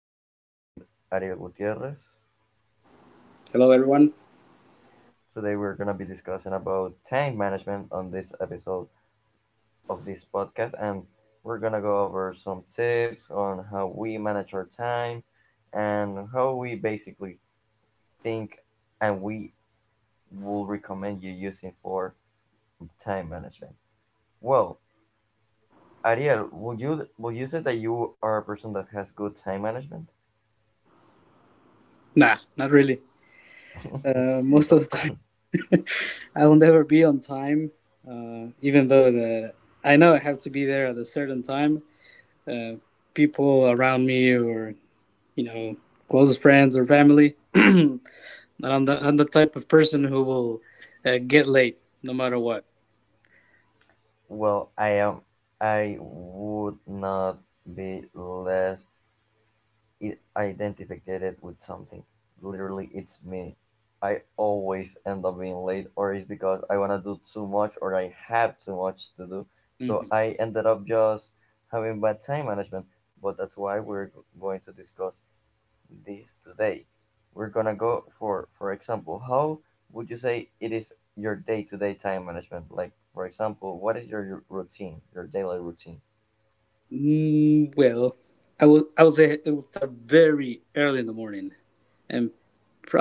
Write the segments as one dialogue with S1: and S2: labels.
S1: we're here with Ariel Gutierrez.
S2: Hello, everyone.
S1: Today we're going to be discussing about time management on this episode of this podcast, and we're going to go over some tips on how we manage our time and how we basically think and we will recommend you using for time management. Well, Ariel, would you say that you are a person that has good time management?
S2: Nah, not really. Most of the time, I will never be on time, even though the I know I have to be there at a certain time. Uh, people around me, or you know, close friends or family, I'm the type of person who will get late no matter what.
S1: Well, I am. I would not be less identified with something. Literally, it's me. I always end up being late, or it's because I want to do too much, or I have too much to do. So
S2: Hmm.
S1: I ended up just having bad time management. But that's why going to discuss this today. We're gonna go for example, how would you say it is your day-to-day time management? Like for example, what is your routine, your daily routine?
S2: Well, I would say it will start very early in the morning and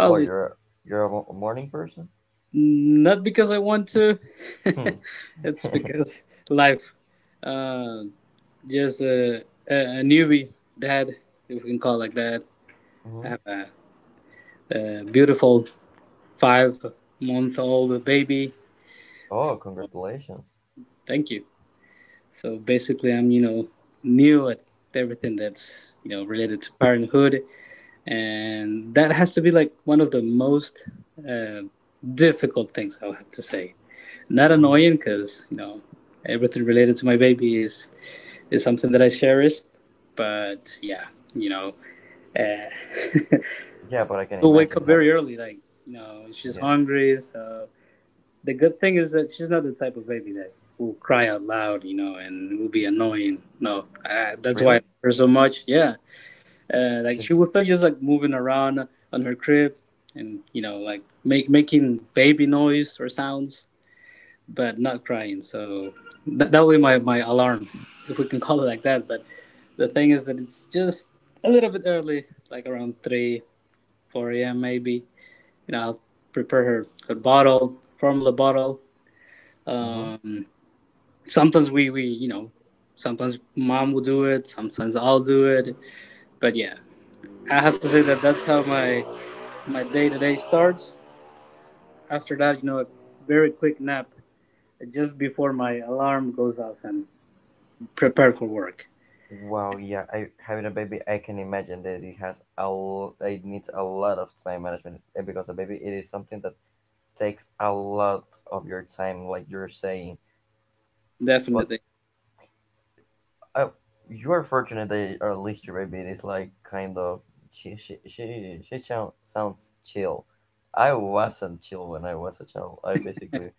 S1: Or oh, you're a morning person?
S2: Not because I want to.
S1: Hmm.
S2: It's because life. Uh, just a, a, a newbie dad, if we can call it like that. I
S1: hmm
S2: have a beautiful 5-month old baby.
S1: Oh, congratulations.
S2: Thank you. So basically, I'm, you know, new at everything that's, you know, related to parenthood. And that has to be like one of the most uh, difficult things, I would have to say, not annoying,
S1: hmm
S2: because you know everything related to my baby is something that I cherish. But yeah, you know, uh,
S1: Yeah, but I can
S2: she'll wake
S1: imagine
S2: up very
S1: having.
S2: early. Like you know, she's
S1: Yeah,
S2: hungry. So the good thing is that she's not the type of baby that will cry out loud, you know, and will be annoying. No, that's why I
S1: really?
S2: love her so much. Yeah, like
S1: She's.
S2: she will start just like moving around on her crib. And you know, like making baby noise or sounds, but not crying. So that would be my alarm, if we can call it like that. But the thing is that it's just a little bit early, like around 3, 4 a.m. maybe. You know, I'll prepare her bottle, formula bottle.
S1: hmm
S2: Um, sometimes we you know, sometimes mom will do it, sometimes I'll do it. But yeah, I have to say that that's how my day to day starts. After that, you know, a very quick nap just before my alarm goes off, and prepare for work.
S1: Wow. Yeah, I having a baby. I can imagine that it has a. It needs a lot of time management, and because a baby, it is something that takes a lot of your time, like you're saying. But
S2: Definitely.
S1: I, you're fortunate that at least your baby is like kind of she sounds chill. I wasn't chill when I was a child. I basically,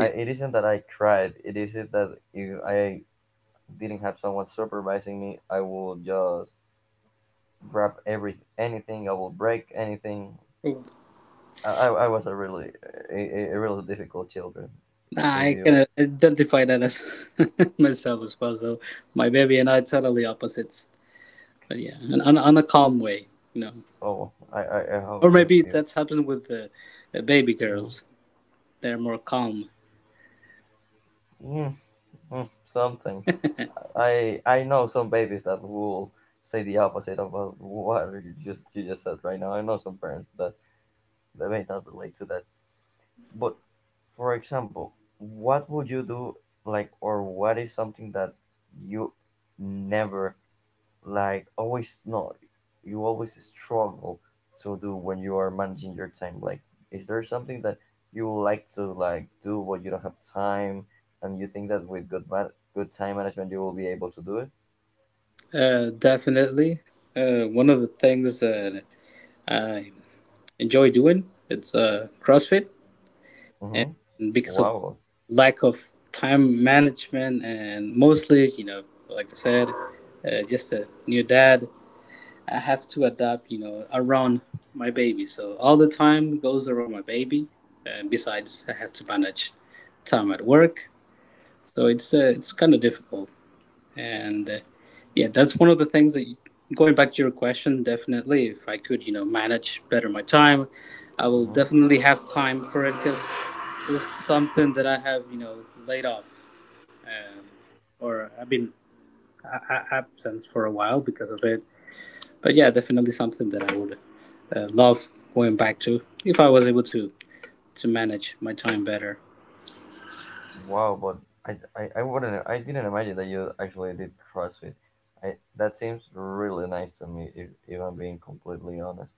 S1: I, it isn't that I cried. It isn't that if I didn't have someone supervising me, I would just grab everything, anything. I will break anything.
S2: Oh.
S1: I was a really a really difficult children. If
S2: I
S1: you
S2: can identify that as myself as well. So my baby and I are totally opposites. But yeah, and on a calm way, you know.
S1: oh, I
S2: Or
S1: hope
S2: maybe
S1: you
S2: that's happened with the baby
S1: Mm,
S2: girls. They're more calm.
S1: mm, mm, something. I know some babies that will say the opposite of what you just said right now. I know some parents that they may not relate to that. But for example, what would you do like, or what is something that you never like always no you always struggle to do when you are managing your time? Like, is there something that you would like to like do but you don't have time, and you think that with good time management you will be able to do it?
S2: Definitely. One of the things that I enjoy doing, it's CrossFit, and
S1: Mm-hmm.
S2: because of
S1: Wow.
S2: lack of time management and mostly, you know, like I said, just a new dad, I have to adapt, you know, around my baby. So all the time goes around my baby. And besides, I have to manage time at work. So it's kind of difficult. And yeah, that's one of the things that, going back to your question, definitely if I could, you know, manage better my time, I will
S1: Mm-hmm.
S2: definitely have time for it, because it's something that I have, you know, laid off, um, or I've been absent for a while because of it. But yeah, definitely something that I would love going back to, if I was able to manage my time better.
S1: Wow. But I wouldn't I didn't imagine that you actually did CrossFit. I, that seems really nice to me, if I'm being completely honest,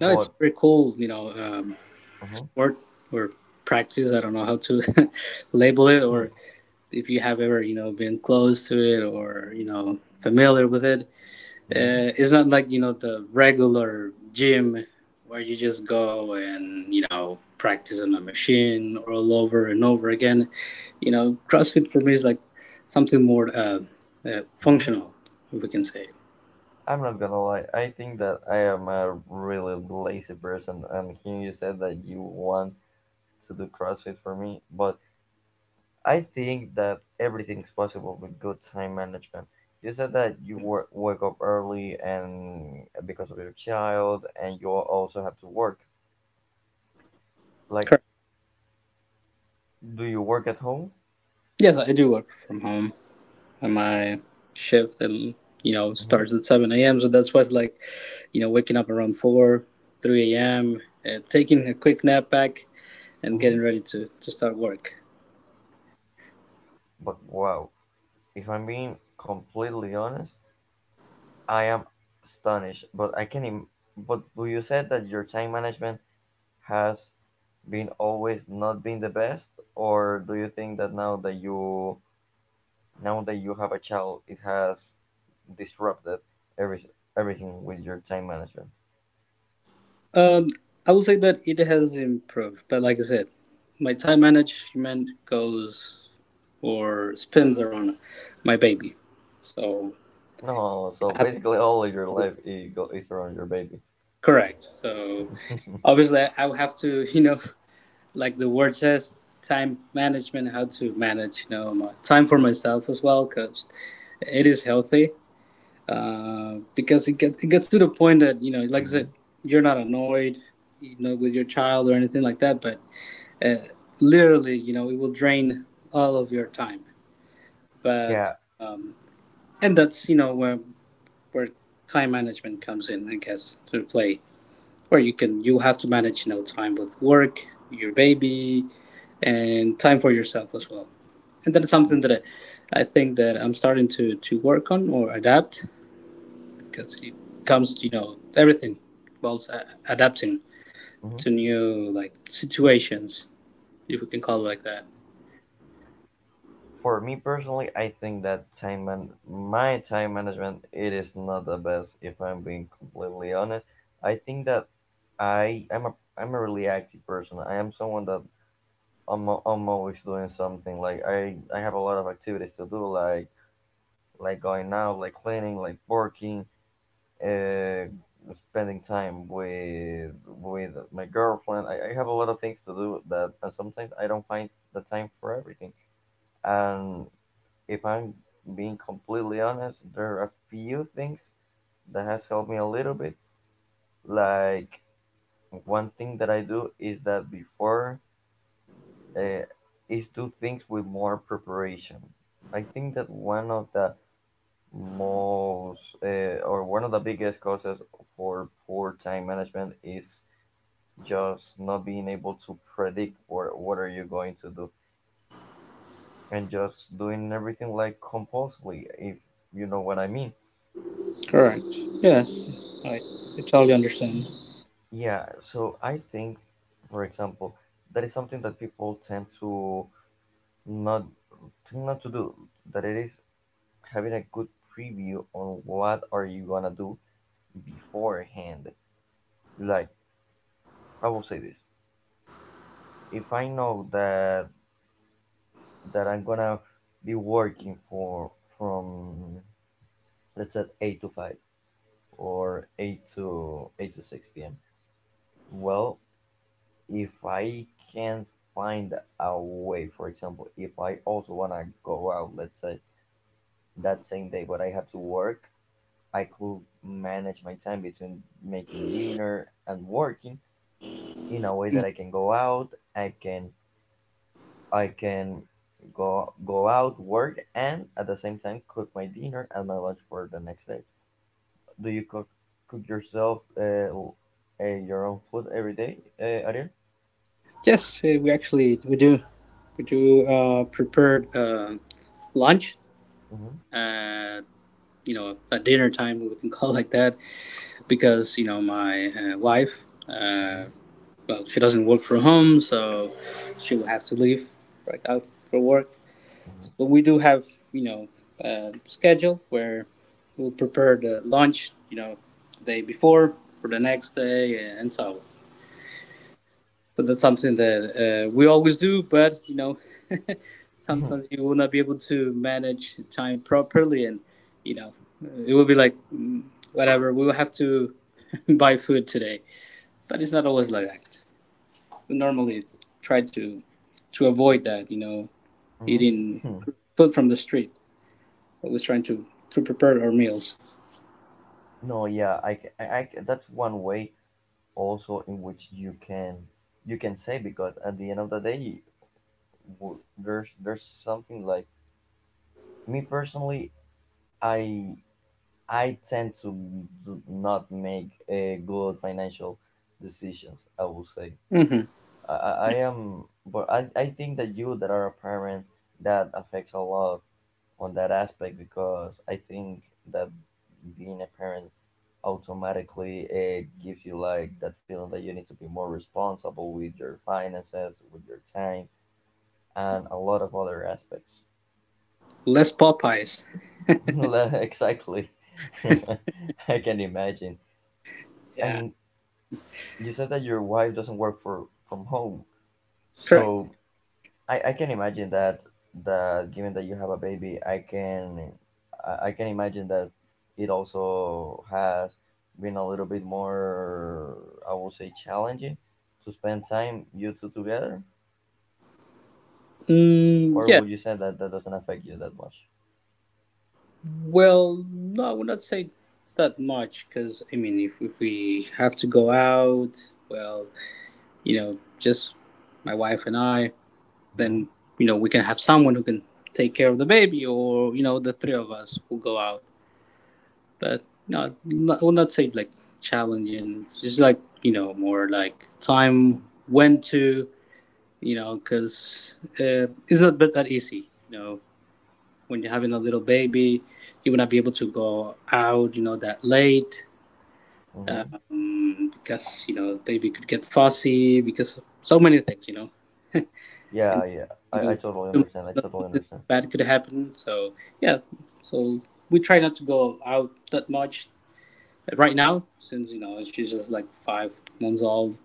S2: No, it's very cool, you know,
S1: mm-hmm.
S2: work or practice. I don't know how to label it, or if you have ever, you know, been close to it or you know familiar with it.
S1: Hmm.
S2: It's not like, you know, the regular gym, where you just go and, you know, practice on a machine all over and over again. You know, crossfit for me is like something more
S1: Hmm.
S2: functional, if we can say.
S1: I'm not gonna lie. I think that I am a really lazy person, and here you said that you want to do CrossFit for me, but I think that everything's possible with good time management. You said that you wake up early and because of your child, and you also have to work. Like,
S2: Correct.
S1: do you work at home?
S2: Yes, I do work from home, and my shift, and you know,
S1: Mm-hmm.
S2: starts at 7 a.m., so that's why it's like, you know, waking up around 4, 3 a.m., taking a quick nap back, and
S1: Mm-hmm.
S2: getting ready to start work.
S1: But wow, if I'm being completely honest, I am astonished. But I can. Im- but do you said that your time management has been always not been the best, or do you think that now that you have a child, it has disrupted every, everything with your time management?
S2: Um, I will say that it has improved, but like I said, my time management goes or spins around my baby. So
S1: No, so
S2: I have
S1: basically all of your
S2: to.
S1: life is around your baby.
S2: Correct. So obviously, I will have to, you know, like the word says, time management, how to manage, you know, my time for myself as well, because it is healthy. Because it gets to the point that, you know, like I said,
S1: Mhm.
S2: you're not annoyed, you know, with your child or anything like that, but uh, literally, you know, it will drain all of your time. But
S1: Yeah.
S2: um, and that's, you know, where time management comes in, I guess, to play. Where you have to manage, you know, time with work, your baby, and time for yourself as well. And that is something that I think that I'm starting to work on or adapt, because it comes to, you know, everything involves adapting
S1: Mhm.
S2: to new like situations, if we can call it like that.
S1: For me personally, I think that my time management it is not the best. If I'm being completely honest, I think that I'm a really active person. I am someone that I'm always doing something like I have a lot of activities to do, like going out, like cleaning, like working, uh, spending time with my girlfriend. I have a lot of things to do that, and sometimes I don't find the time for everything, and if I'm being completely honest there are a few things that has helped me a little bit, like one thing that I do is that before, uh, is do things with more preparation. I think that one of the most or one of the biggest causes for poor time management is just not being able to predict what are you going to do and just doing everything like compulsively, if you know what I mean.
S2: Correct. Yes, I, I totally understand.
S1: Yeah, so I think, for example, that is something that people tend to not tend not to do, that it is having a good preview on what are you gonna do beforehand. Like, I will say this: if I know that I'm gonna be working for from, let's say, eight to five, or eight to six p.m. Well, if I can find a way, for example, if I also wanna go out, let's say that same day, but I have to work. I could manage my time between making dinner and working in a way
S2: Mm.
S1: that I can go out, I can I can go out, work, and at the same time cook my dinner and my lunch for the next day. Do you cook yourself your own food every day, Ariel?
S2: Yes, we do prepared lunch.
S1: Mm-hmm.
S2: Uh, you know, at dinner time, we can call like that, because you know my wife.
S1: Mm-hmm.
S2: Uh, well, she doesn't work from home, so she will have to leave right out for work. So we do have, you know, schedule where we'll prepare the lunch, you know, day before, for the next day, and so on. So that's something that we always do, but you know,
S1: Mm-hmm.
S2: sometimes you will not be able to manage time properly, and you know, it will be like, whatever. We will have to buy food today, but it's not always like that. We normally try to avoid that, you know, eating
S1: Mm-hmm.
S2: food from the street. Always trying to prepare our meals.
S1: No, yeah, I ca- that's one way also in which you can say, because at the end of the day, w- there's something like me personally. I I tend to not make good financial decisions, I would say.
S2: Hmm.
S1: I
S2: Yeah,
S1: am, but I think that you that are a parent, that affects a lot on that aspect because I think that being a parent automatically gives you like that feeling that you need to be more responsible with your finances, with your time, and a lot of other aspects.
S2: less Popeyes.
S1: Exactly, I can imagine.
S2: Yeah,
S1: And you said that your wife doesn't work for from home,
S2: correct.
S1: so I can imagine that that given that you have a baby I can imagine that it also has been a little bit more, I would say, challenging to spend time you two together,
S2: Mm,
S1: or
S2: yeah.
S1: would you say that that doesn't affect you that much?
S2: Well, no, I would not say that much, because I mean, if we have to go out, well, you know, just my wife and I,
S1: Hmm.
S2: then you know we can have someone who can take care of the baby, or you know, the three of us will go out. But no, not, I would not say like challenging. Just like, you know, more like time when to, you know, because it's not that easy. You know, when you're having a little baby, you will not be able to go out, you know, that late,
S1: Hmm.
S2: because you know the baby could get fussy because of so many things, you know.
S1: Yeah,
S2: And
S1: yeah,
S2: you
S1: I
S2: know
S1: totally
S2: too much,
S1: understand, I
S2: you know,
S1: totally
S2: something
S1: understand.
S2: bad could happen. So yeah, so we try not to go out that much right now, since you know she's just like 5 months old,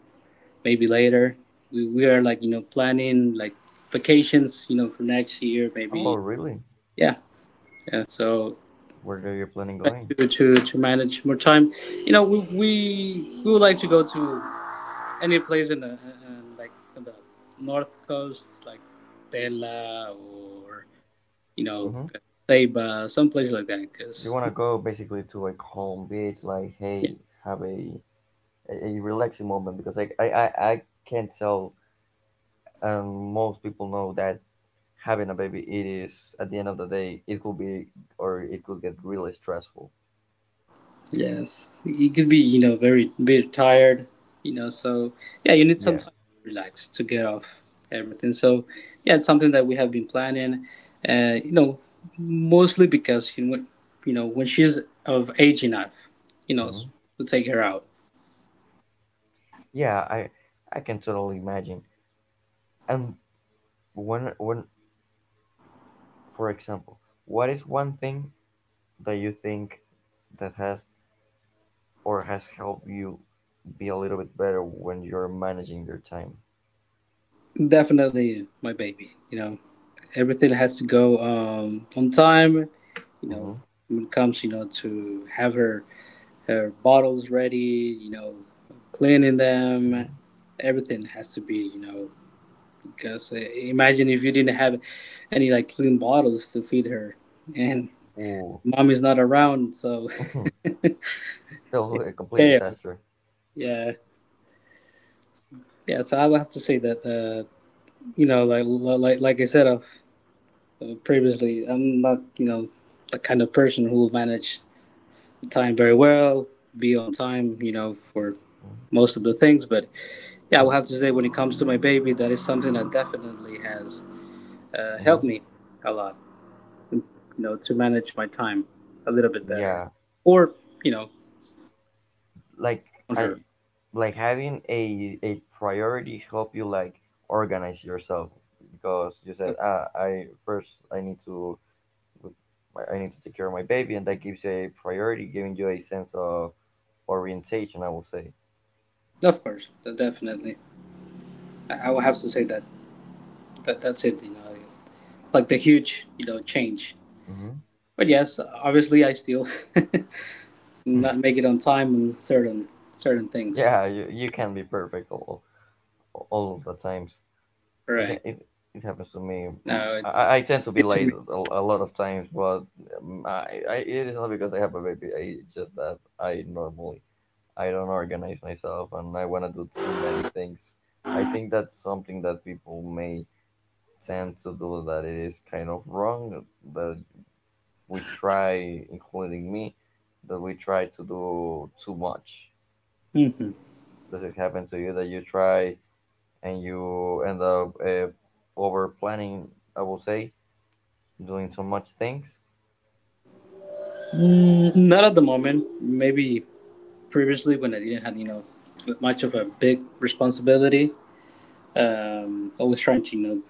S2: maybe later. We are like, you know, planning like vacations, you know, for next year,
S1: Oh
S2: maybe.
S1: really?
S2: Yeah. Yeah, so
S1: Where are you planning
S2: try
S1: going?
S2: to manage more time. You know, we would like to go to any place in the like in the north coast, like Tela, or you know
S1: Hmm.
S2: Ceiba, some place like that.
S1: You
S2: Because
S1: want to go basically to a calm beach, like hey, have a a relaxing moment, because like I can't tell, and most people know that having a baby it is at the end of the day it could be or it could get really stressful.
S2: yes, you could be, you know, very very tired, you know. So yeah, you need some
S1: Yeah.
S2: time to relax, to get off everything. So yeah, it's something that we have been planning, you know, mostly because you know, you know when she's of age enough, you know,
S1: Hmm.
S2: to take her out.
S1: Yeah, I can totally imagine. And when, for example, what is one thing that you think that has or has helped you be a little bit better when you're managing your time?
S2: Definitely my baby. You know, everything has to go, on time. You know,
S1: Mm-hmm.
S2: when it comes, you know, to have her bottles ready, you know, cleaning them.
S1: Mm-hmm.
S2: Everything has to be, you know, because imagine if you didn't have any like clean bottles to feed her, and
S1: Ooh,
S2: mommy's not around, so
S1: still a complete
S2: chaos.
S1: disaster.
S2: Yeah. Yeah, so I would have to say that, you know, like I said of previously, I'm not, you know, the kind of person who will manage time very well, be on time, you know, for most of the things, but yeah, I will have to say, when it comes to my baby, that is something that definitely has helped
S1: Mm-hmm.
S2: me a lot. You know, to manage my time a little bit better,
S1: Yeah,
S2: or you know,
S1: like
S2: on her.
S1: I, like having a priority help you like organize yourself, because you
S2: Of
S1: said ah I first I need to take care of my baby, and that gives you a priority, giving you a sense of orientation, I will say.
S2: of course, definitely. I will have to say that that's it. You know, like the huge, you know, change.
S1: Mm-hmm.
S2: But yes, obviously, I still not make it on time on certain things.
S1: Yeah, you can be perfect all of the times. it
S2: Correct.
S1: it, it happens to me.
S2: No, it.
S1: I tend to be late a lot of times, but I it is not because I have a baby. It's just that I normally I don't organize myself and I want to do too many things. I think that's something that people may tend to do that it is kind of wrong that we try, including me, that we try to do too much.
S2: Mhm.
S1: Does it happen to you that you try and you end up over planning? I will say doing so much things.
S2: Mm, not at the moment. Maybe previously when I didn't have, you know, much of a big responsibility. Always trying to, you know,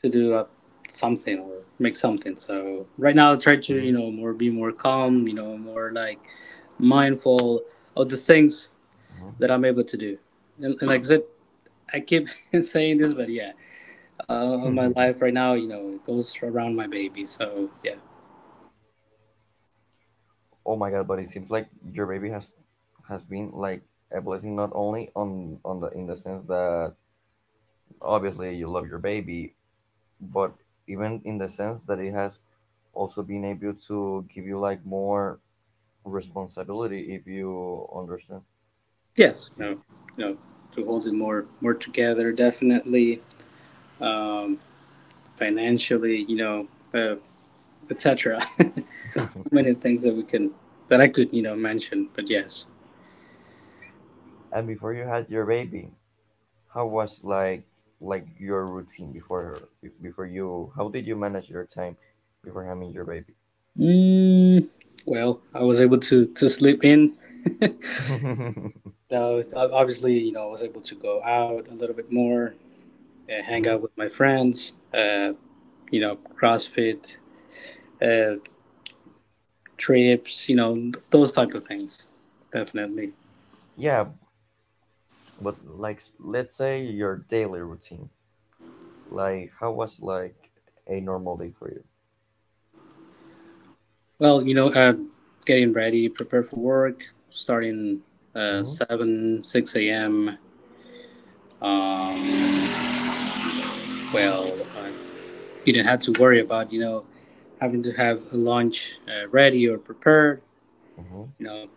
S2: to do something or make something. So right now I try to, you
S1: Hmm.
S2: know, more be more calm. You know, more like mindful of the things
S1: Hmm.
S2: that I'm able to do. And like I said, I keep saying this, but yeah, my life right now, you know, it goes around my baby. So yeah.
S1: Oh my god! But it seems like your baby has been like a blessing, not only on the in the sense that obviously you love your baby, but even in the sense that it has also been able to give you like more responsibility, if you understand
S2: Yes,
S1: you.
S2: no, no, to hold it more, more together, definitely financially, you know, uh, etc. so many things that we can that I could, you know, mention, but yes.
S1: And before you had your baby, how was like your routine before her? Before you? How did you manage your time before having your baby?
S2: Mm, well, I was able to sleep in. Now, obviously, you know, I was able to go out a little bit more, hang out with my friends. You know, CrossFit uh, trips. You know, those type of things. Definitely.
S1: Yeah, but like s- let's say your daily routine. Like how was like a normal day for you?
S2: Well, you know, getting ready, prepare for work, starting
S1: Mm-hmm.
S2: 7 6 a.m. Um, well, uh, you didn't have to worry about you know having to have a lunch ready or prepared,
S1: Mm-hmm.
S2: you know.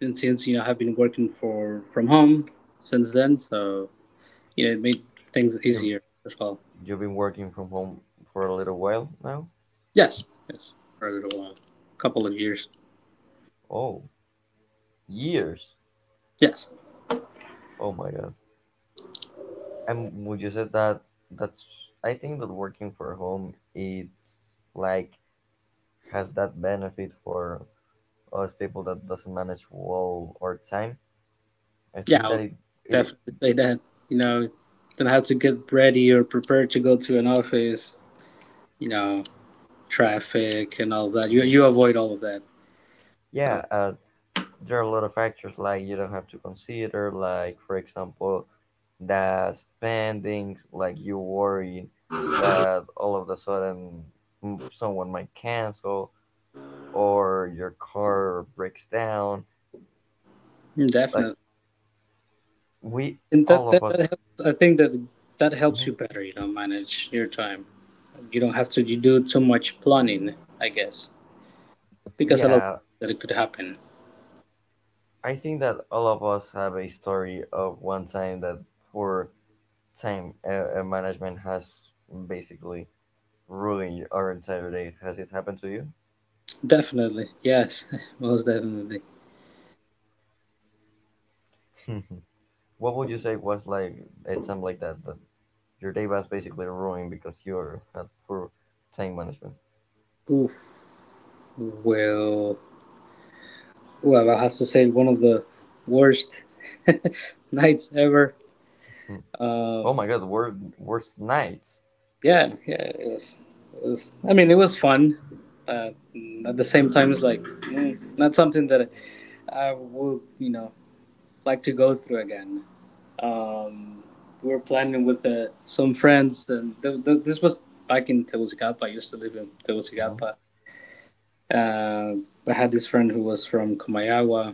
S2: And since you know I've been working for from home since then, so you know it made things
S1: You
S2: easier as well.
S1: you've been working from home for a little while now?
S2: Yes. Yes, for a little while. Couple of years.
S1: Oh, years.
S2: Yes.
S1: Oh my god. And would you say that that's I think that working for home it's like has that benefit for us people that doesn't manage well our time. I
S2: Yeah
S1: think that
S2: I'll
S1: it
S2: definitely say that, you know, didn't have to get ready or prepared to go to an office, you know, traffic and all that. you
S1: mhm.
S2: you avoid all of that. So
S1: Yeah, there are a lot of factors like you don't have to consider, like for example the spendings, like you worry that all of a sudden mm, someone might cancel or your car breaks down, like
S2: definitely.
S1: we
S2: and that
S1: all of
S2: that, that
S1: us.
S2: helps, I think that that helps you
S1: Mhm.
S2: better, you know, manage your time. You don't have to, you do too much planning, I guess, because a lot of
S1: yeah
S2: that it could happen.
S1: I think that all of us have a story of one time that poor time management has basically ruined our entire day. Has it happened to you?
S2: Definitely, yes, most definitely.
S1: What would you say was like? It sounds like that, but your day was basically ruined because you had poor time management.
S2: Oof. Well, well, I have to say one of the worst nights ever.
S1: Hmm. Oh
S2: Um,
S1: my god, worst nights.
S2: yeah, it was. I mean, it was fun. But at the same time, it's like not something that I would, you know, like to go through again. Um, we were planning with some friends, and this was back in Tegucigalpa. I used to live in
S1: Mhm,
S2: Tegucigalpa. Uh, I had this friend who was from Comayagua,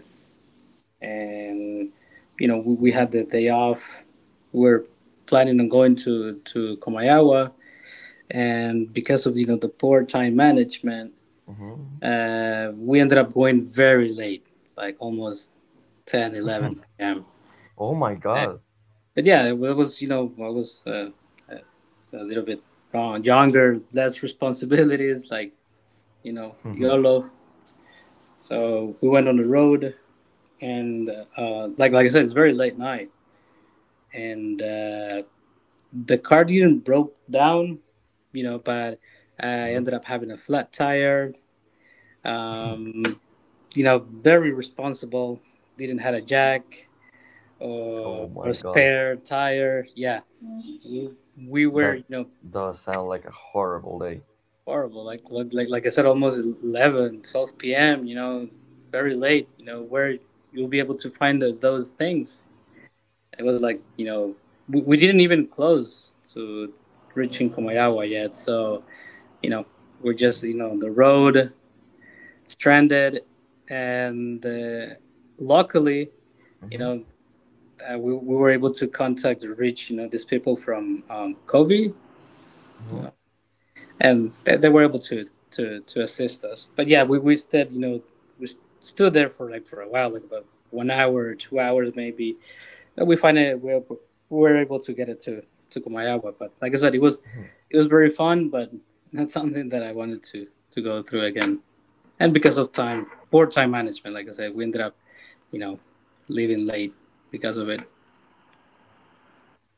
S2: and you know we
S1: mhm,
S2: had the day off. We were planning on going to Comayagua, and because of you know the poor time management,
S1: mhm.
S2: we ended up going very late, like almost 10, 11 p.m.
S1: Oh my
S2: Uh,
S1: god.
S2: but yeah, it was, you know, I was a little bit wrong, younger, less responsibilities, like, you know, YOLO. So we went on the road, and like I said, it's very late night, and the car didn't broke down, you know, but I
S1: Mhm.
S2: ended up having a flat tire. Um, you know, very responsible. Didn't had a jack
S1: Oh
S2: or
S1: my
S2: a
S1: god,
S2: spare tire. Yeah, we, we were
S1: that
S2: you know
S1: does sound like a horrible day.
S2: horrible. Like I said, almost 11, 12 p.m. You know, very late. You know where you'll be able to find those things. It was like, you know, we didn't even close to reaching Comayagua yet. So you know we're just you know the road stranded, and luckily, you
S1: Mhm,
S2: know, we were able to contact reach, you know, these people from Covey,
S1: mhm.
S2: and they were able to to assist us. But yeah, we stood, you know, we stood there for like for a while, like about 1 hour, 2 hours maybe. But we were able to get it to Kumayawa. But like I said, it was very fun, but not something that I wanted to go through again. And because of time, poor time management, like I said, we ended up, you know, leaving late because of it.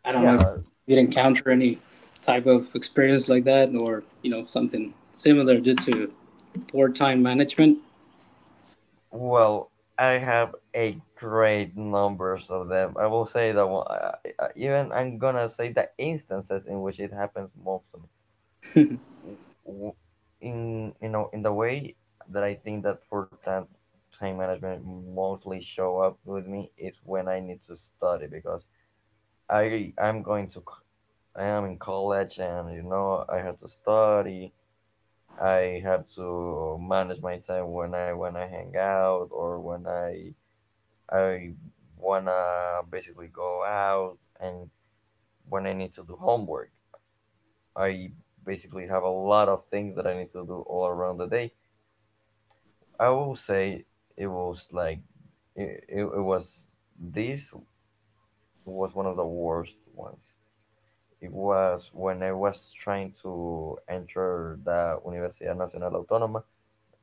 S2: I don't know if
S1: yeah,
S2: you did encounter any type of experience like that, or you know something similar due to or time management.
S1: well, I have a great numbers of them. I will say that even I'm gonna say the instances in which it happens most w- in you know in the way that I think that for time management mostly show up with me is when I need to study because I'm going to I am in college, and you know I have to study. I have to manage my time when I wanna hang out or when I wanna basically go out and when I need to do homework. I basically have a lot of things that I need to do all around the day. I will say it was like it was this was one of the worst ones. It was when I was trying to enter the Universidad Nacional Autónoma.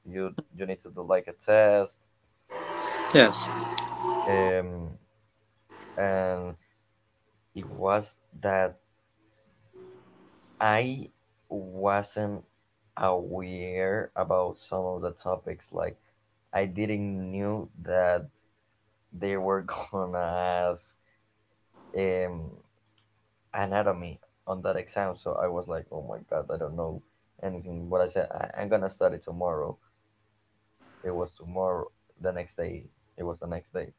S1: You need to do like a test,
S2: Yes.
S1: um, and it was that I wasn't aware about some of the topics. Like I didn't knew that they were gonna ask. Um, Anatomy on that exam. So I was like, oh my god, I don't know anything. But I said, I'm gonna study tomorrow. It was tomorrow. The next day, it was the next day.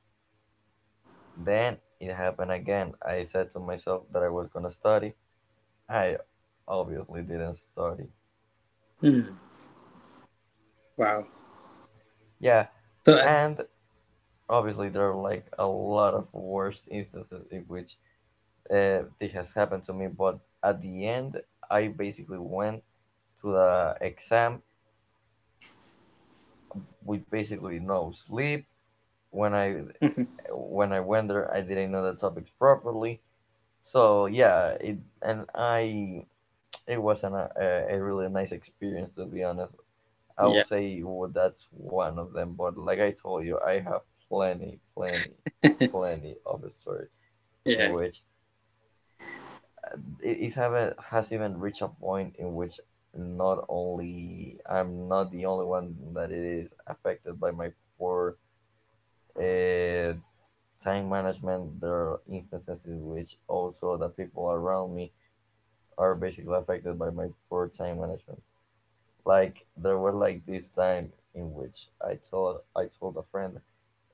S1: Then it happened again. I said to myself that I was gonna study. I obviously didn't study.
S2: Hmm. Wow.
S1: Yeah,
S2: So
S1: and obviously there are like a lot of worst instances in which this has happened to me. But at the end, I basically went to the exam with basically no sleep when I when I went there, I didn't know the topics properly. So yeah, it and I it was an, a really nice experience to be honest. I will
S2: yeah,
S1: say well, that's one of them, but like I told you, I have plenty, plenty, plenty of stories in
S2: yeah,
S1: which it is haven't has even reached a point in which not only I'm not the only one that it is affected by my poor uh, time management. There are instances in which also the people around me are basically affected by my poor time management. Like there was like this time in which I told a friend,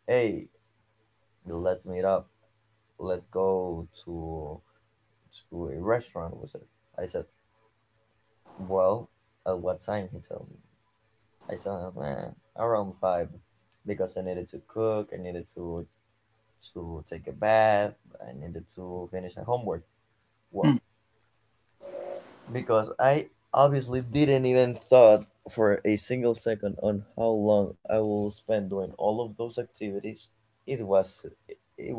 S1: "Hey, let's meet up. Let's go to a restaurant." Was it? I said, "Well, at what time?" He told me. I told him, "Man, around five, because I needed to cook. I needed to take a bath. I needed to finish my homework."
S2: Hmm.
S1: Well, because I obviously didn't even thought for a single second on how long I will spend doing all of those activities. It was it,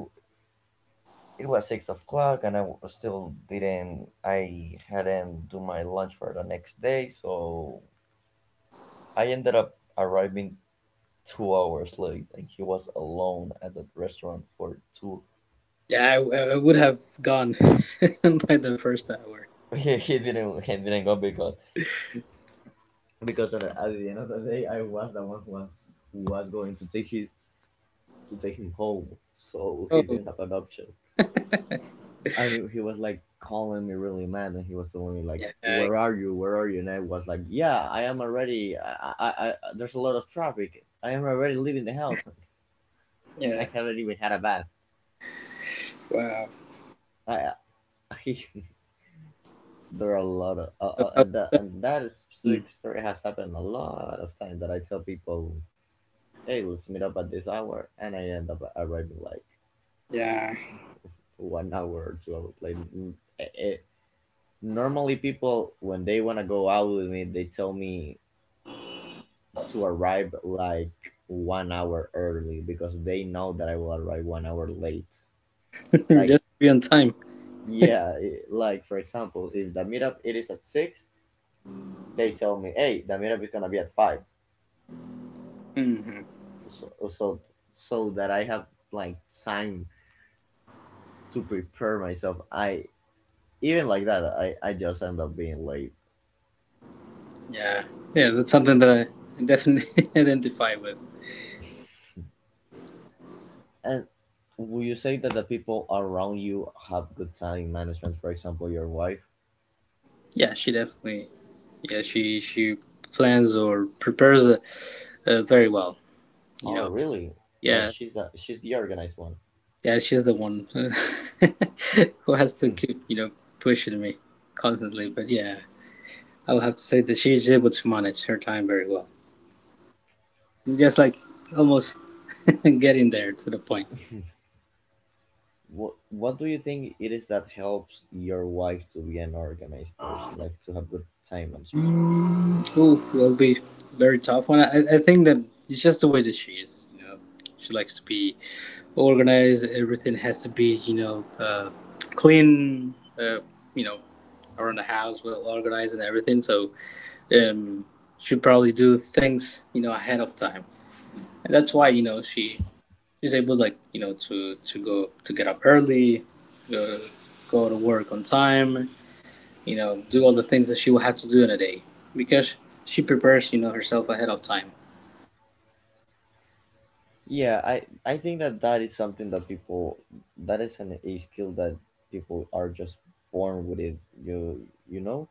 S1: it was 6 o'clock, and I still didn't. I hadn't do my lunch for the next day, so I ended up arriving 2 hours late, and he was alone at the restaurant for two.
S2: yeah. I would have gone by the first hour.
S1: He didn't he didn't go because at the end of the day I was the one who was going to take his to take him home, so he
S2: Oh
S1: didn't have an option. I knew he was like calling me really mad, and he was telling me
S2: yeah,
S1: like, "Where are you? Where are you?" And I was like, "Yeah, I am already. I there's a lot of traffic. I am already leaving the house. I
S2: yeah.
S1: haven't even had a bath.
S2: Wow.
S1: I, I there are a lot of
S2: I was upset.
S1: and that
S2: Hmm.
S1: specific story has happened a lot of times that I tell people, "Hey, let's meet up at this hour," and I end up arriving like
S2: Yeah,
S1: 1 hour or 2 hours late. It, it, normally people when they want to go out with me they tell me to arrive like 1 hour early because they know that I will arrive 1 hour late. Like
S2: just to be on time.
S1: yeah like for example if the meetup it is at six, they tell me hey the meetup is gonna be at five,
S2: Hmm.
S1: so, so that I have like time to prepare myself. I even like that I just end up being late.
S2: Yeah, yeah. That's something that I definitely identify with.
S1: And would you say that the people around you have good time management? For example, your wife.
S2: Yeah, she definitely. Yeah, she plans or prepares very well. You
S1: Oh,
S2: know.
S1: really? Like
S2: Yeah,
S1: she's the organized one.
S2: yeah, she's the one who has to
S1: Hmm.
S2: keep, you know, pushing me constantly. But yeah, I'll have to say that she's able to manage her time very well. Just like almost getting there to the point.
S1: What do you think it is that helps your wife to be an organized person, like to have good time management?
S2: Ooh, it'll be very tough one. I think that it's just the way that she is. You know, she likes to be organized. Everything has to be, you know, clean. You know, around the
S1: Mhm,
S2: house, well organized and everything. So um, should probably do things, you know, ahead of time, and that's why you know she's able, like, you know, to go to get up early, go to work on time, you know, do
S1: mhm.
S2: all the things that she will have to do in a day, because she prepares you know herself ahead of time.
S1: Yeah, I think that that is something that people that is an a skill that people are just born with it. You know,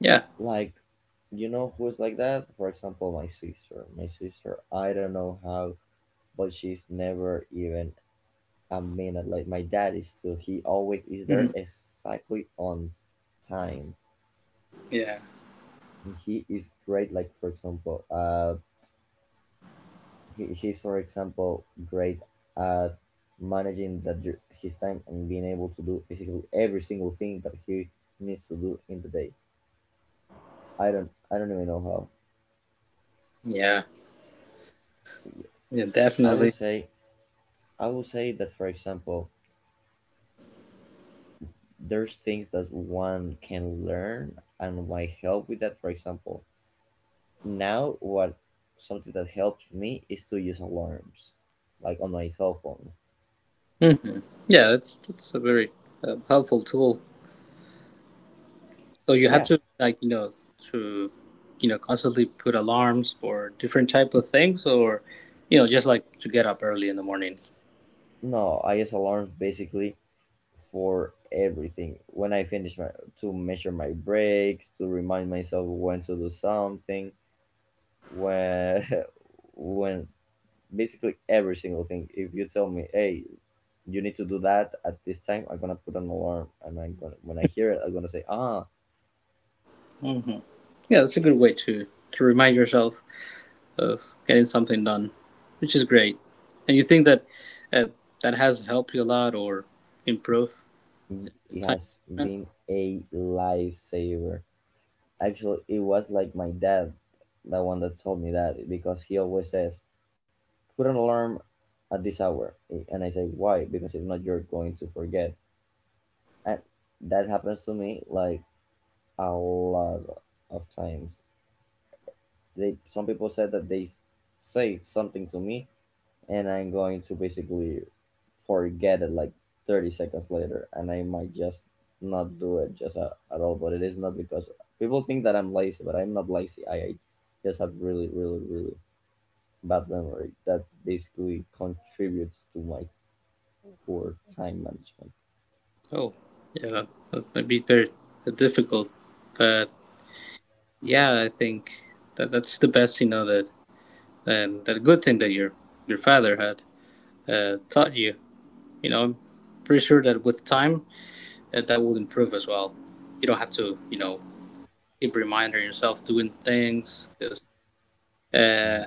S2: Yeah,
S1: like you know who's like that? For example my sister I don't know how but she's never even a minute like my dad is too. He always is
S2: hmm,
S1: there exactly on time.
S2: yeah,
S1: And he is great. Like for example he's for example great at managing that his time and being able to do basically every single thing that he needs to do in the day. I don't I don't even know how.
S2: yeah, yeah,
S1: I will
S2: definitely.
S1: say I will say that for example there's things that one can learn and might help with that. For example, now what something that helps me is to use alarms, like on my cell phone.
S2: Hmm. Yeah, that's a very helpful tool. So you have
S1: Yeah,
S2: to like you know to you know constantly put alarms or different type of things, or you know just like to get up early in the morning.
S1: no, I use alarms basically for everything. When I finish my to measure my breaks, to remind myself when to do something, when when basically every single thing. If you tell me, hey, you need to do that at this time, I'm gonna put an alarm, and I'm gonna when I hear it, I'm gonna say, ah,
S2: Yeah, that's a good way to remind yourself of getting something done, which is great. And you think that uh, that has helped you a lot, or improve
S1: it
S2: time
S1: has
S2: management?
S1: been a lifesaver. Actually, it was like my dad, the one that told me that because he always says, put an alarm at this hour, and I say why? Because if not, you're going to forget, and that happens to me like a lot of times. They some people said that they say something to me and I'm going to basically forget it like 30 seconds later, and I might just not do it just at all. But it is not because people think that I'm lazy, but I'm not lazy. I just have really really really bad memory that basically contributes to my poor time management.
S2: Oh, yeah, that might be very difficult, but yeah, I think that that's the best, you know, that, and that good thing that your father had taught you. You know, I'm pretty sure that with time that will improve as well. You don't have to, you know, keep reminding yourself doing things because
S1: Mhm.
S2: uh,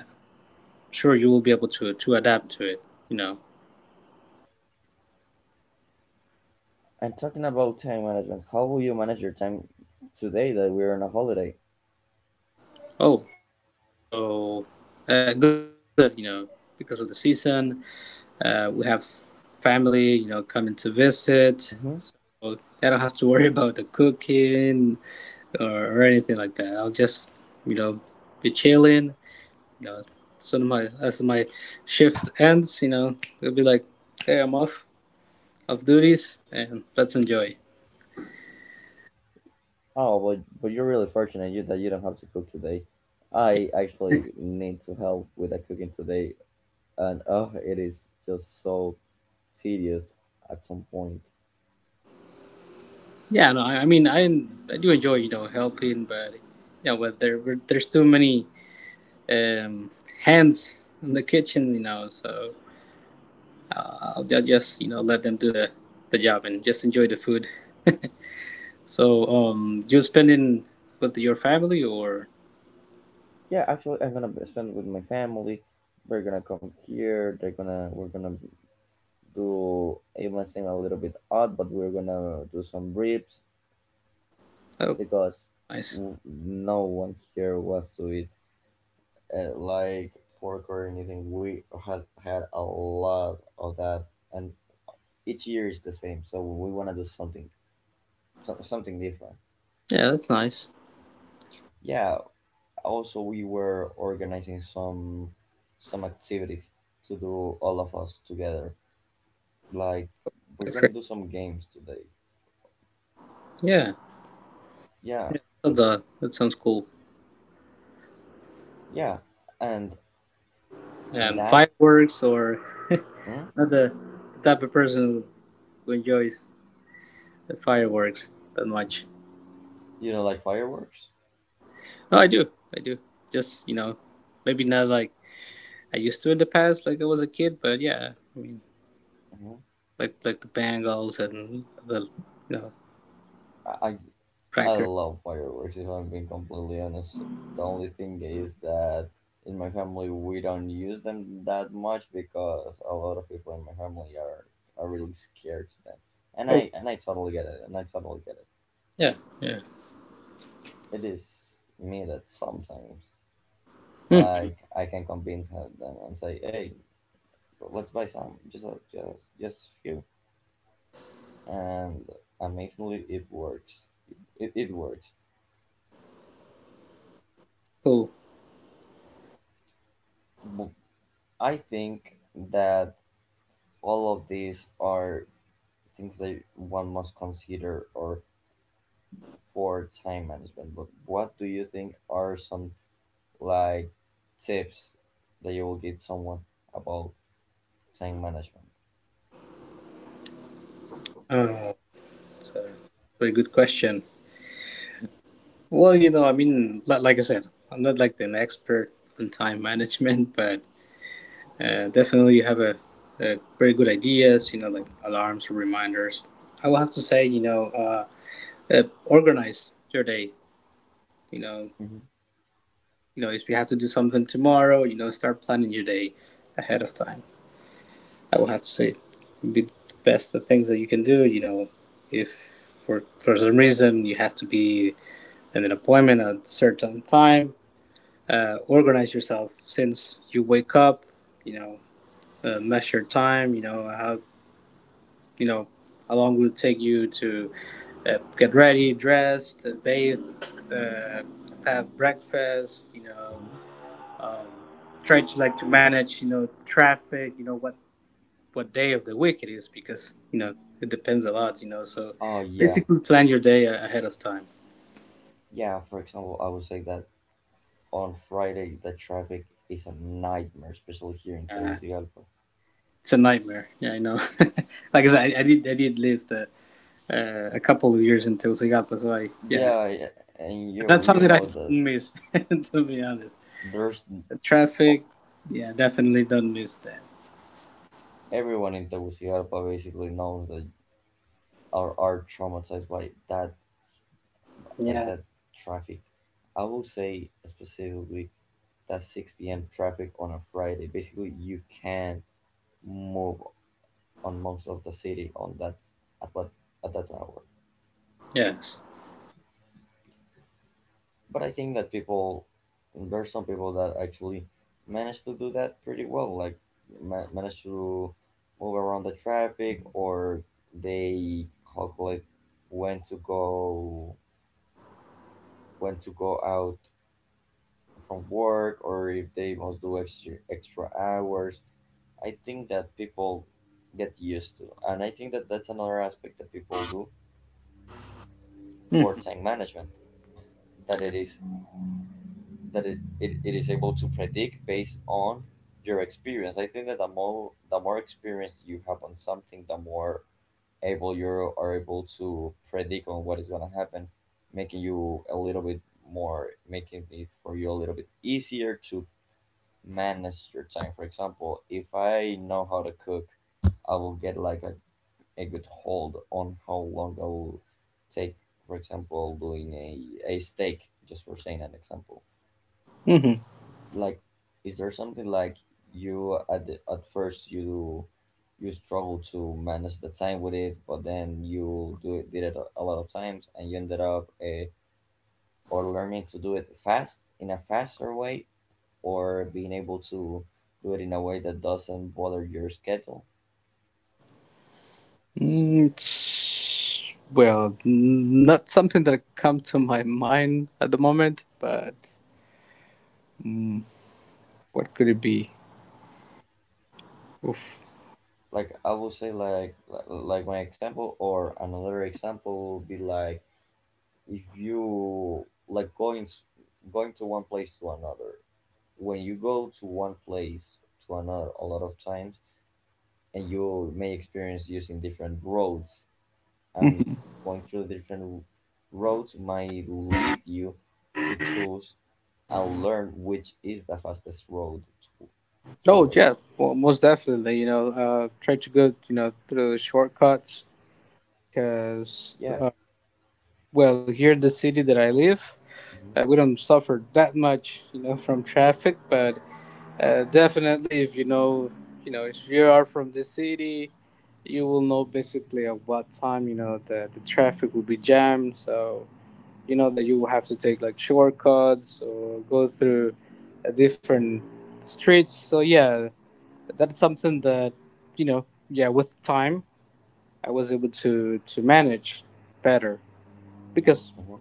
S2: sure you will be able to adapt to it. You know.
S1: And talking about time management, how will you manage your time today that we're on a holiday?
S2: Oh yeah. So a good thing is that you know because of the season, we have family you know coming to visit.
S1: Hmm.
S2: So I don't have to worry about the cooking, or anything like that. I'll just you know be chilling. You know, so my as my shift ends, you know, it'll be like, hey, I'm off of duties, and let's enjoy.
S1: Oh, but you're really fortunate you that you don't have to cook today. I actually need to help with the cooking today, and oh, it is just so tedious at some point.
S2: Yeah, no, I mean, I do enjoy you know helping, but you know, but there's too many um, hands in the kitchen, you know. So I'll just you know let them do the job and just enjoy the food. So you're spending with your family or
S1: Yeah, actually, I'm gonna spend with my family. We're gonna come here. They're gonna we're gonna do it might seem a little bit odd, but we're gonna do some ribs
S2: oh,
S1: because
S2: nice.
S1: no one here wants to eat like pork or anything. We had had a lot of that, and each year is the same, so we want to do something something different.
S2: Yeah, that's nice.
S1: Yeah, also we were organizing some activities to do all of us together. Like we're
S2: That's great.
S1: gonna do some games today.
S2: Yeah,
S1: Yeah
S2: that's that sounds cool.
S1: yeah and
S2: And
S1: that
S2: fireworks or
S1: mm,
S2: not the, the type of person who enjoys the fireworks that much.
S1: you know like fireworks.
S2: No, I do. I do. Just, you know, maybe not like I used to in the past, like I was a kid, but yeah, I mean,
S1: Hmm.
S2: like the Bangles and you know,
S1: I, I I
S2: Cracker.
S1: love fireworks, if I'm being completely honest. The only thing is that in my family we don't use them that much because a lot of people in my family are really scared to them. And
S2: Oh,
S1: I and I totally get it, and I totally get it.
S2: yeah, yeah.
S1: It is me that sometimes
S2: Hmm,
S1: like I can convince them and say, hey, let's buy some just a few, and amazingly it works. It works.
S2: cool.
S1: But I think that all of these are things that one must consider or for time management. But what do you think are some like tips that you will give someone about time management?
S2: Oh, it's a very good question. Well, you know, I mean, like I said, I'm not like an expert on time management, but definitely you have a very good ideas, you know, like alarms or reminders. I will have to say, you know, organize your day. You know,
S1: Hmm.
S2: you know, if you have to do something tomorrow, you know, start planning your day ahead of time. I will have to say, be the best the things that you can do. You know, if for some reason you have to be in an appointment at a certain time, organize yourself since you wake up. You know, measure time. You know how, you know, how long will it take you to get ready, dressed, bathe, uh, have breakfast. You know,
S1: Hmm.
S2: um, try to like to manage, you know, traffic, you know, what day of the week it is, because you know it depends a lot, you know. So
S1: Oh yeah,
S2: basically plan your day ahead of time.
S1: yeah. For example, I would say that on Friday the traffic is a nightmare, especially here in
S2: uh,
S1: Tegucigalpa.
S2: it's a nightmare, yeah, I know. Like I said, I did live the, a couple of years in Tegucigalpa, so I yeah.
S1: Yeah, yeah, and you
S2: That's
S1: you
S2: something I
S1: know
S2: don't
S1: that
S2: miss to be honest.
S1: there's
S2: The traffic, yeah, definitely don't miss that.
S1: everyone in Tegucigalpa basically knows that are traumatized by
S2: Yeah.
S1: that traffic. I will say specifically that 6 p.m. traffic on a Friday. Basically, you can't move on most of the city on that at what at that hour.
S2: Yes.
S1: But I think that people there are some people that actually manage to do that pretty well, like manage to move around the traffic, or they calculate when to go, when to go out from work, or if they must do extra hours. I think that people get used to, and I think that that's another aspect that people do for time management, that it is that it is able to predict based on your experience. I think that the more experience you have on something, the more able you are able to predict on what is going to happen, making you a little bit more, making it for you a little bit easier to manage your time. For example, if I know how to cook, I will get like a good hold on how long I will take, for example, doing a steak, just for saying an example.
S2: Mhm.
S1: Like, is there something like you at first you you struggle to manage the time with it, but then you do it, did it a lot of times and you ended up or learning to do it fast in a faster way, or being able to do it in a way that doesn't bother your schedule.
S2: Well, not something that come to my mind at the moment, but mm, what could it be? Oof.
S1: Like I would say, like like my example, or another example would be like if you like going to one place to another. When you go to one place to another a lot of times, and you may experience using different roads and
S2: Hmm.
S1: going through the different roads, might lead you to choose and learn which is the fastest road to, to
S2: Oh,
S1: work.
S2: yeah, well, most definitely. You know, try to go, you know, through the shortcuts, because
S1: Yeah.
S2: well, here in the city that I live,
S1: Mhm.
S2: we don't suffer that much, you know, from traffic, but definitely, if you know, you know, if you are from the city, you will know basically at what time, you know, the traffic will be jammed. So you know that you will have to take like shortcuts or go through a different streets. So yeah, that's something that you know, yeah, with time I was able to manage better, because
S1: Hmm.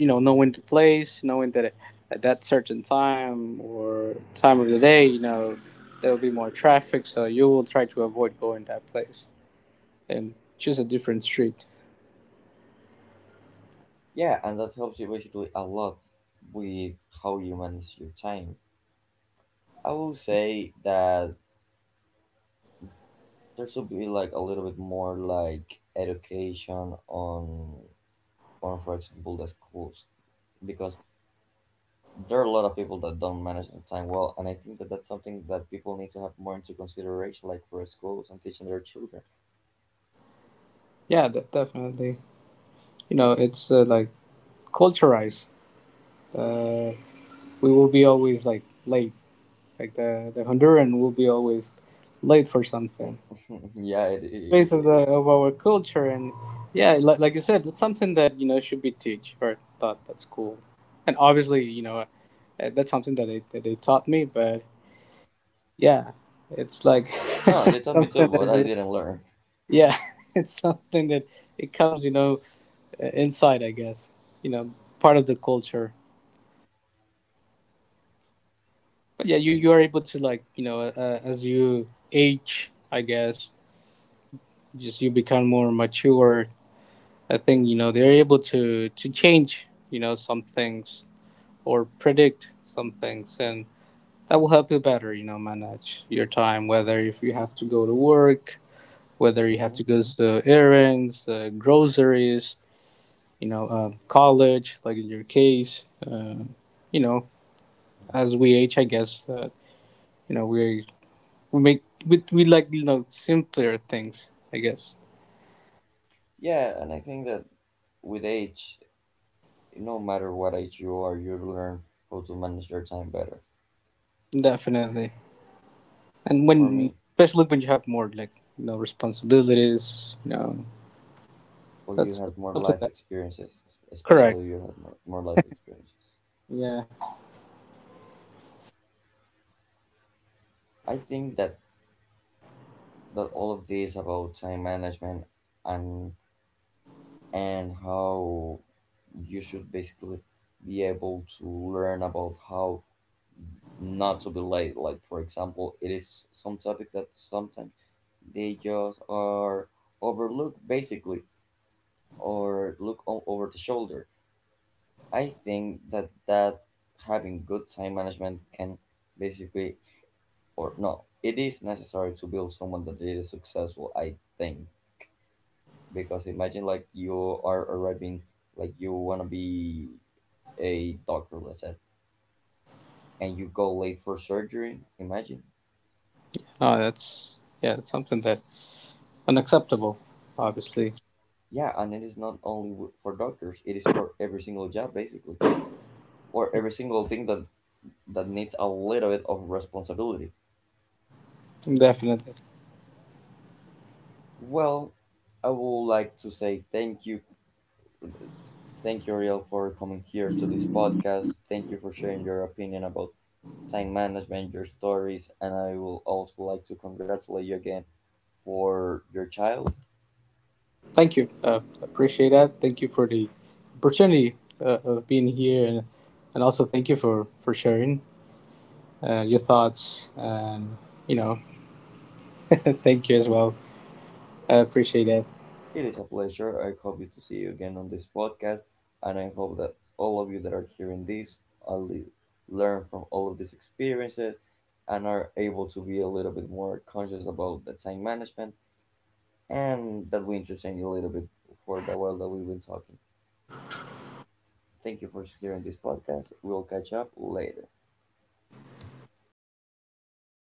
S2: you know, knowing the place, knowing that at that certain time or time of the day, you know, there will be more traffic, so you will try to avoid going that place and choose a different street.
S1: Yeah, and that helps you basically a lot with how you manage your time. I will say that there should be like a little bit more like education on for example the schools, because there are a lot of people that don't manage their time well, and I think that that's something that people need to have more into consideration, like for schools and teaching their children.
S2: Yeah, definitely. You know, it's like culturized. Uh, we will be always like late. Like the Honduran will be always late for something.
S1: Yeah,
S2: Face of the of our culture. And yeah, like you said, that's something that you know should be teach or taught, that's cool. And obviously, you know, that's something that that they taught me, but yeah, it's like
S1: no, they taught me too, but I didn't learn.
S2: yeah it's something that it comes, you know, inside, I guess, you know, part of the culture. But yeah, you are able to, like, you know, as you age, I guess, just you become more mature. I think, you know, they're able to change, you know, some things or predict some things, and that will help you better, you know, manage your time, whether if you have to go to work, whether you have
S1: Hmm.
S2: to go to errands, groceries, you know, college, like in your case, you know, as we age, I guess, you know we make, we like, you know, simpler things, I guess.
S1: Yeah, and I think that with age, no matter what age you are, you learn how to manage your time better.
S2: Definitely. And
S1: For
S2: when,
S1: me,
S2: especially when you have more, like, you know, responsibilities, you know,
S1: or you
S2: that's
S1: have more
S2: something
S1: life
S2: that,
S1: experiences,
S2: correct,
S1: especially you have more life experiences.
S2: yeah.
S1: I think that that all of this about time management, and and how you should basically be able to learn about how not to be late. Like for example, it is some topics that sometimes they just are overlooked, basically, or look over the shoulder. I think that that having good time management can basically, or no, it is necessary to build someone that is successful, I think. Because imagine like you are arriving, like you want to be a doctor, let's say, and you go late for surgery, imagine.
S2: No, that's yeah, that's something that unacceptable, obviously.
S1: Yeah, and it is not only for doctors, it is for every single job, basically, or every single thing that, that needs a little bit of responsibility.
S2: Definitely.
S1: Well, I would like to say thank you. Thank you, Ariel, for coming here to this podcast. Thank you for sharing your opinion about time management, your stories, and I will also like to congratulate you again for your child.
S2: Thank you. Appreciate that. Thank you for the opportunity of being here, and also thank you for sharing your thoughts and you know, thank you as
S1: Hmm.
S2: well. I appreciate that.
S1: It is a pleasure. I hope you to see you again on this podcast, and I hope that all of you that are hearing this are learn from all of these experiences, and are able to be a little bit more conscious about the time management, and that we interchange a little bit for the while that we've been talking. Thank you for hearing this podcast. We'll catch up later.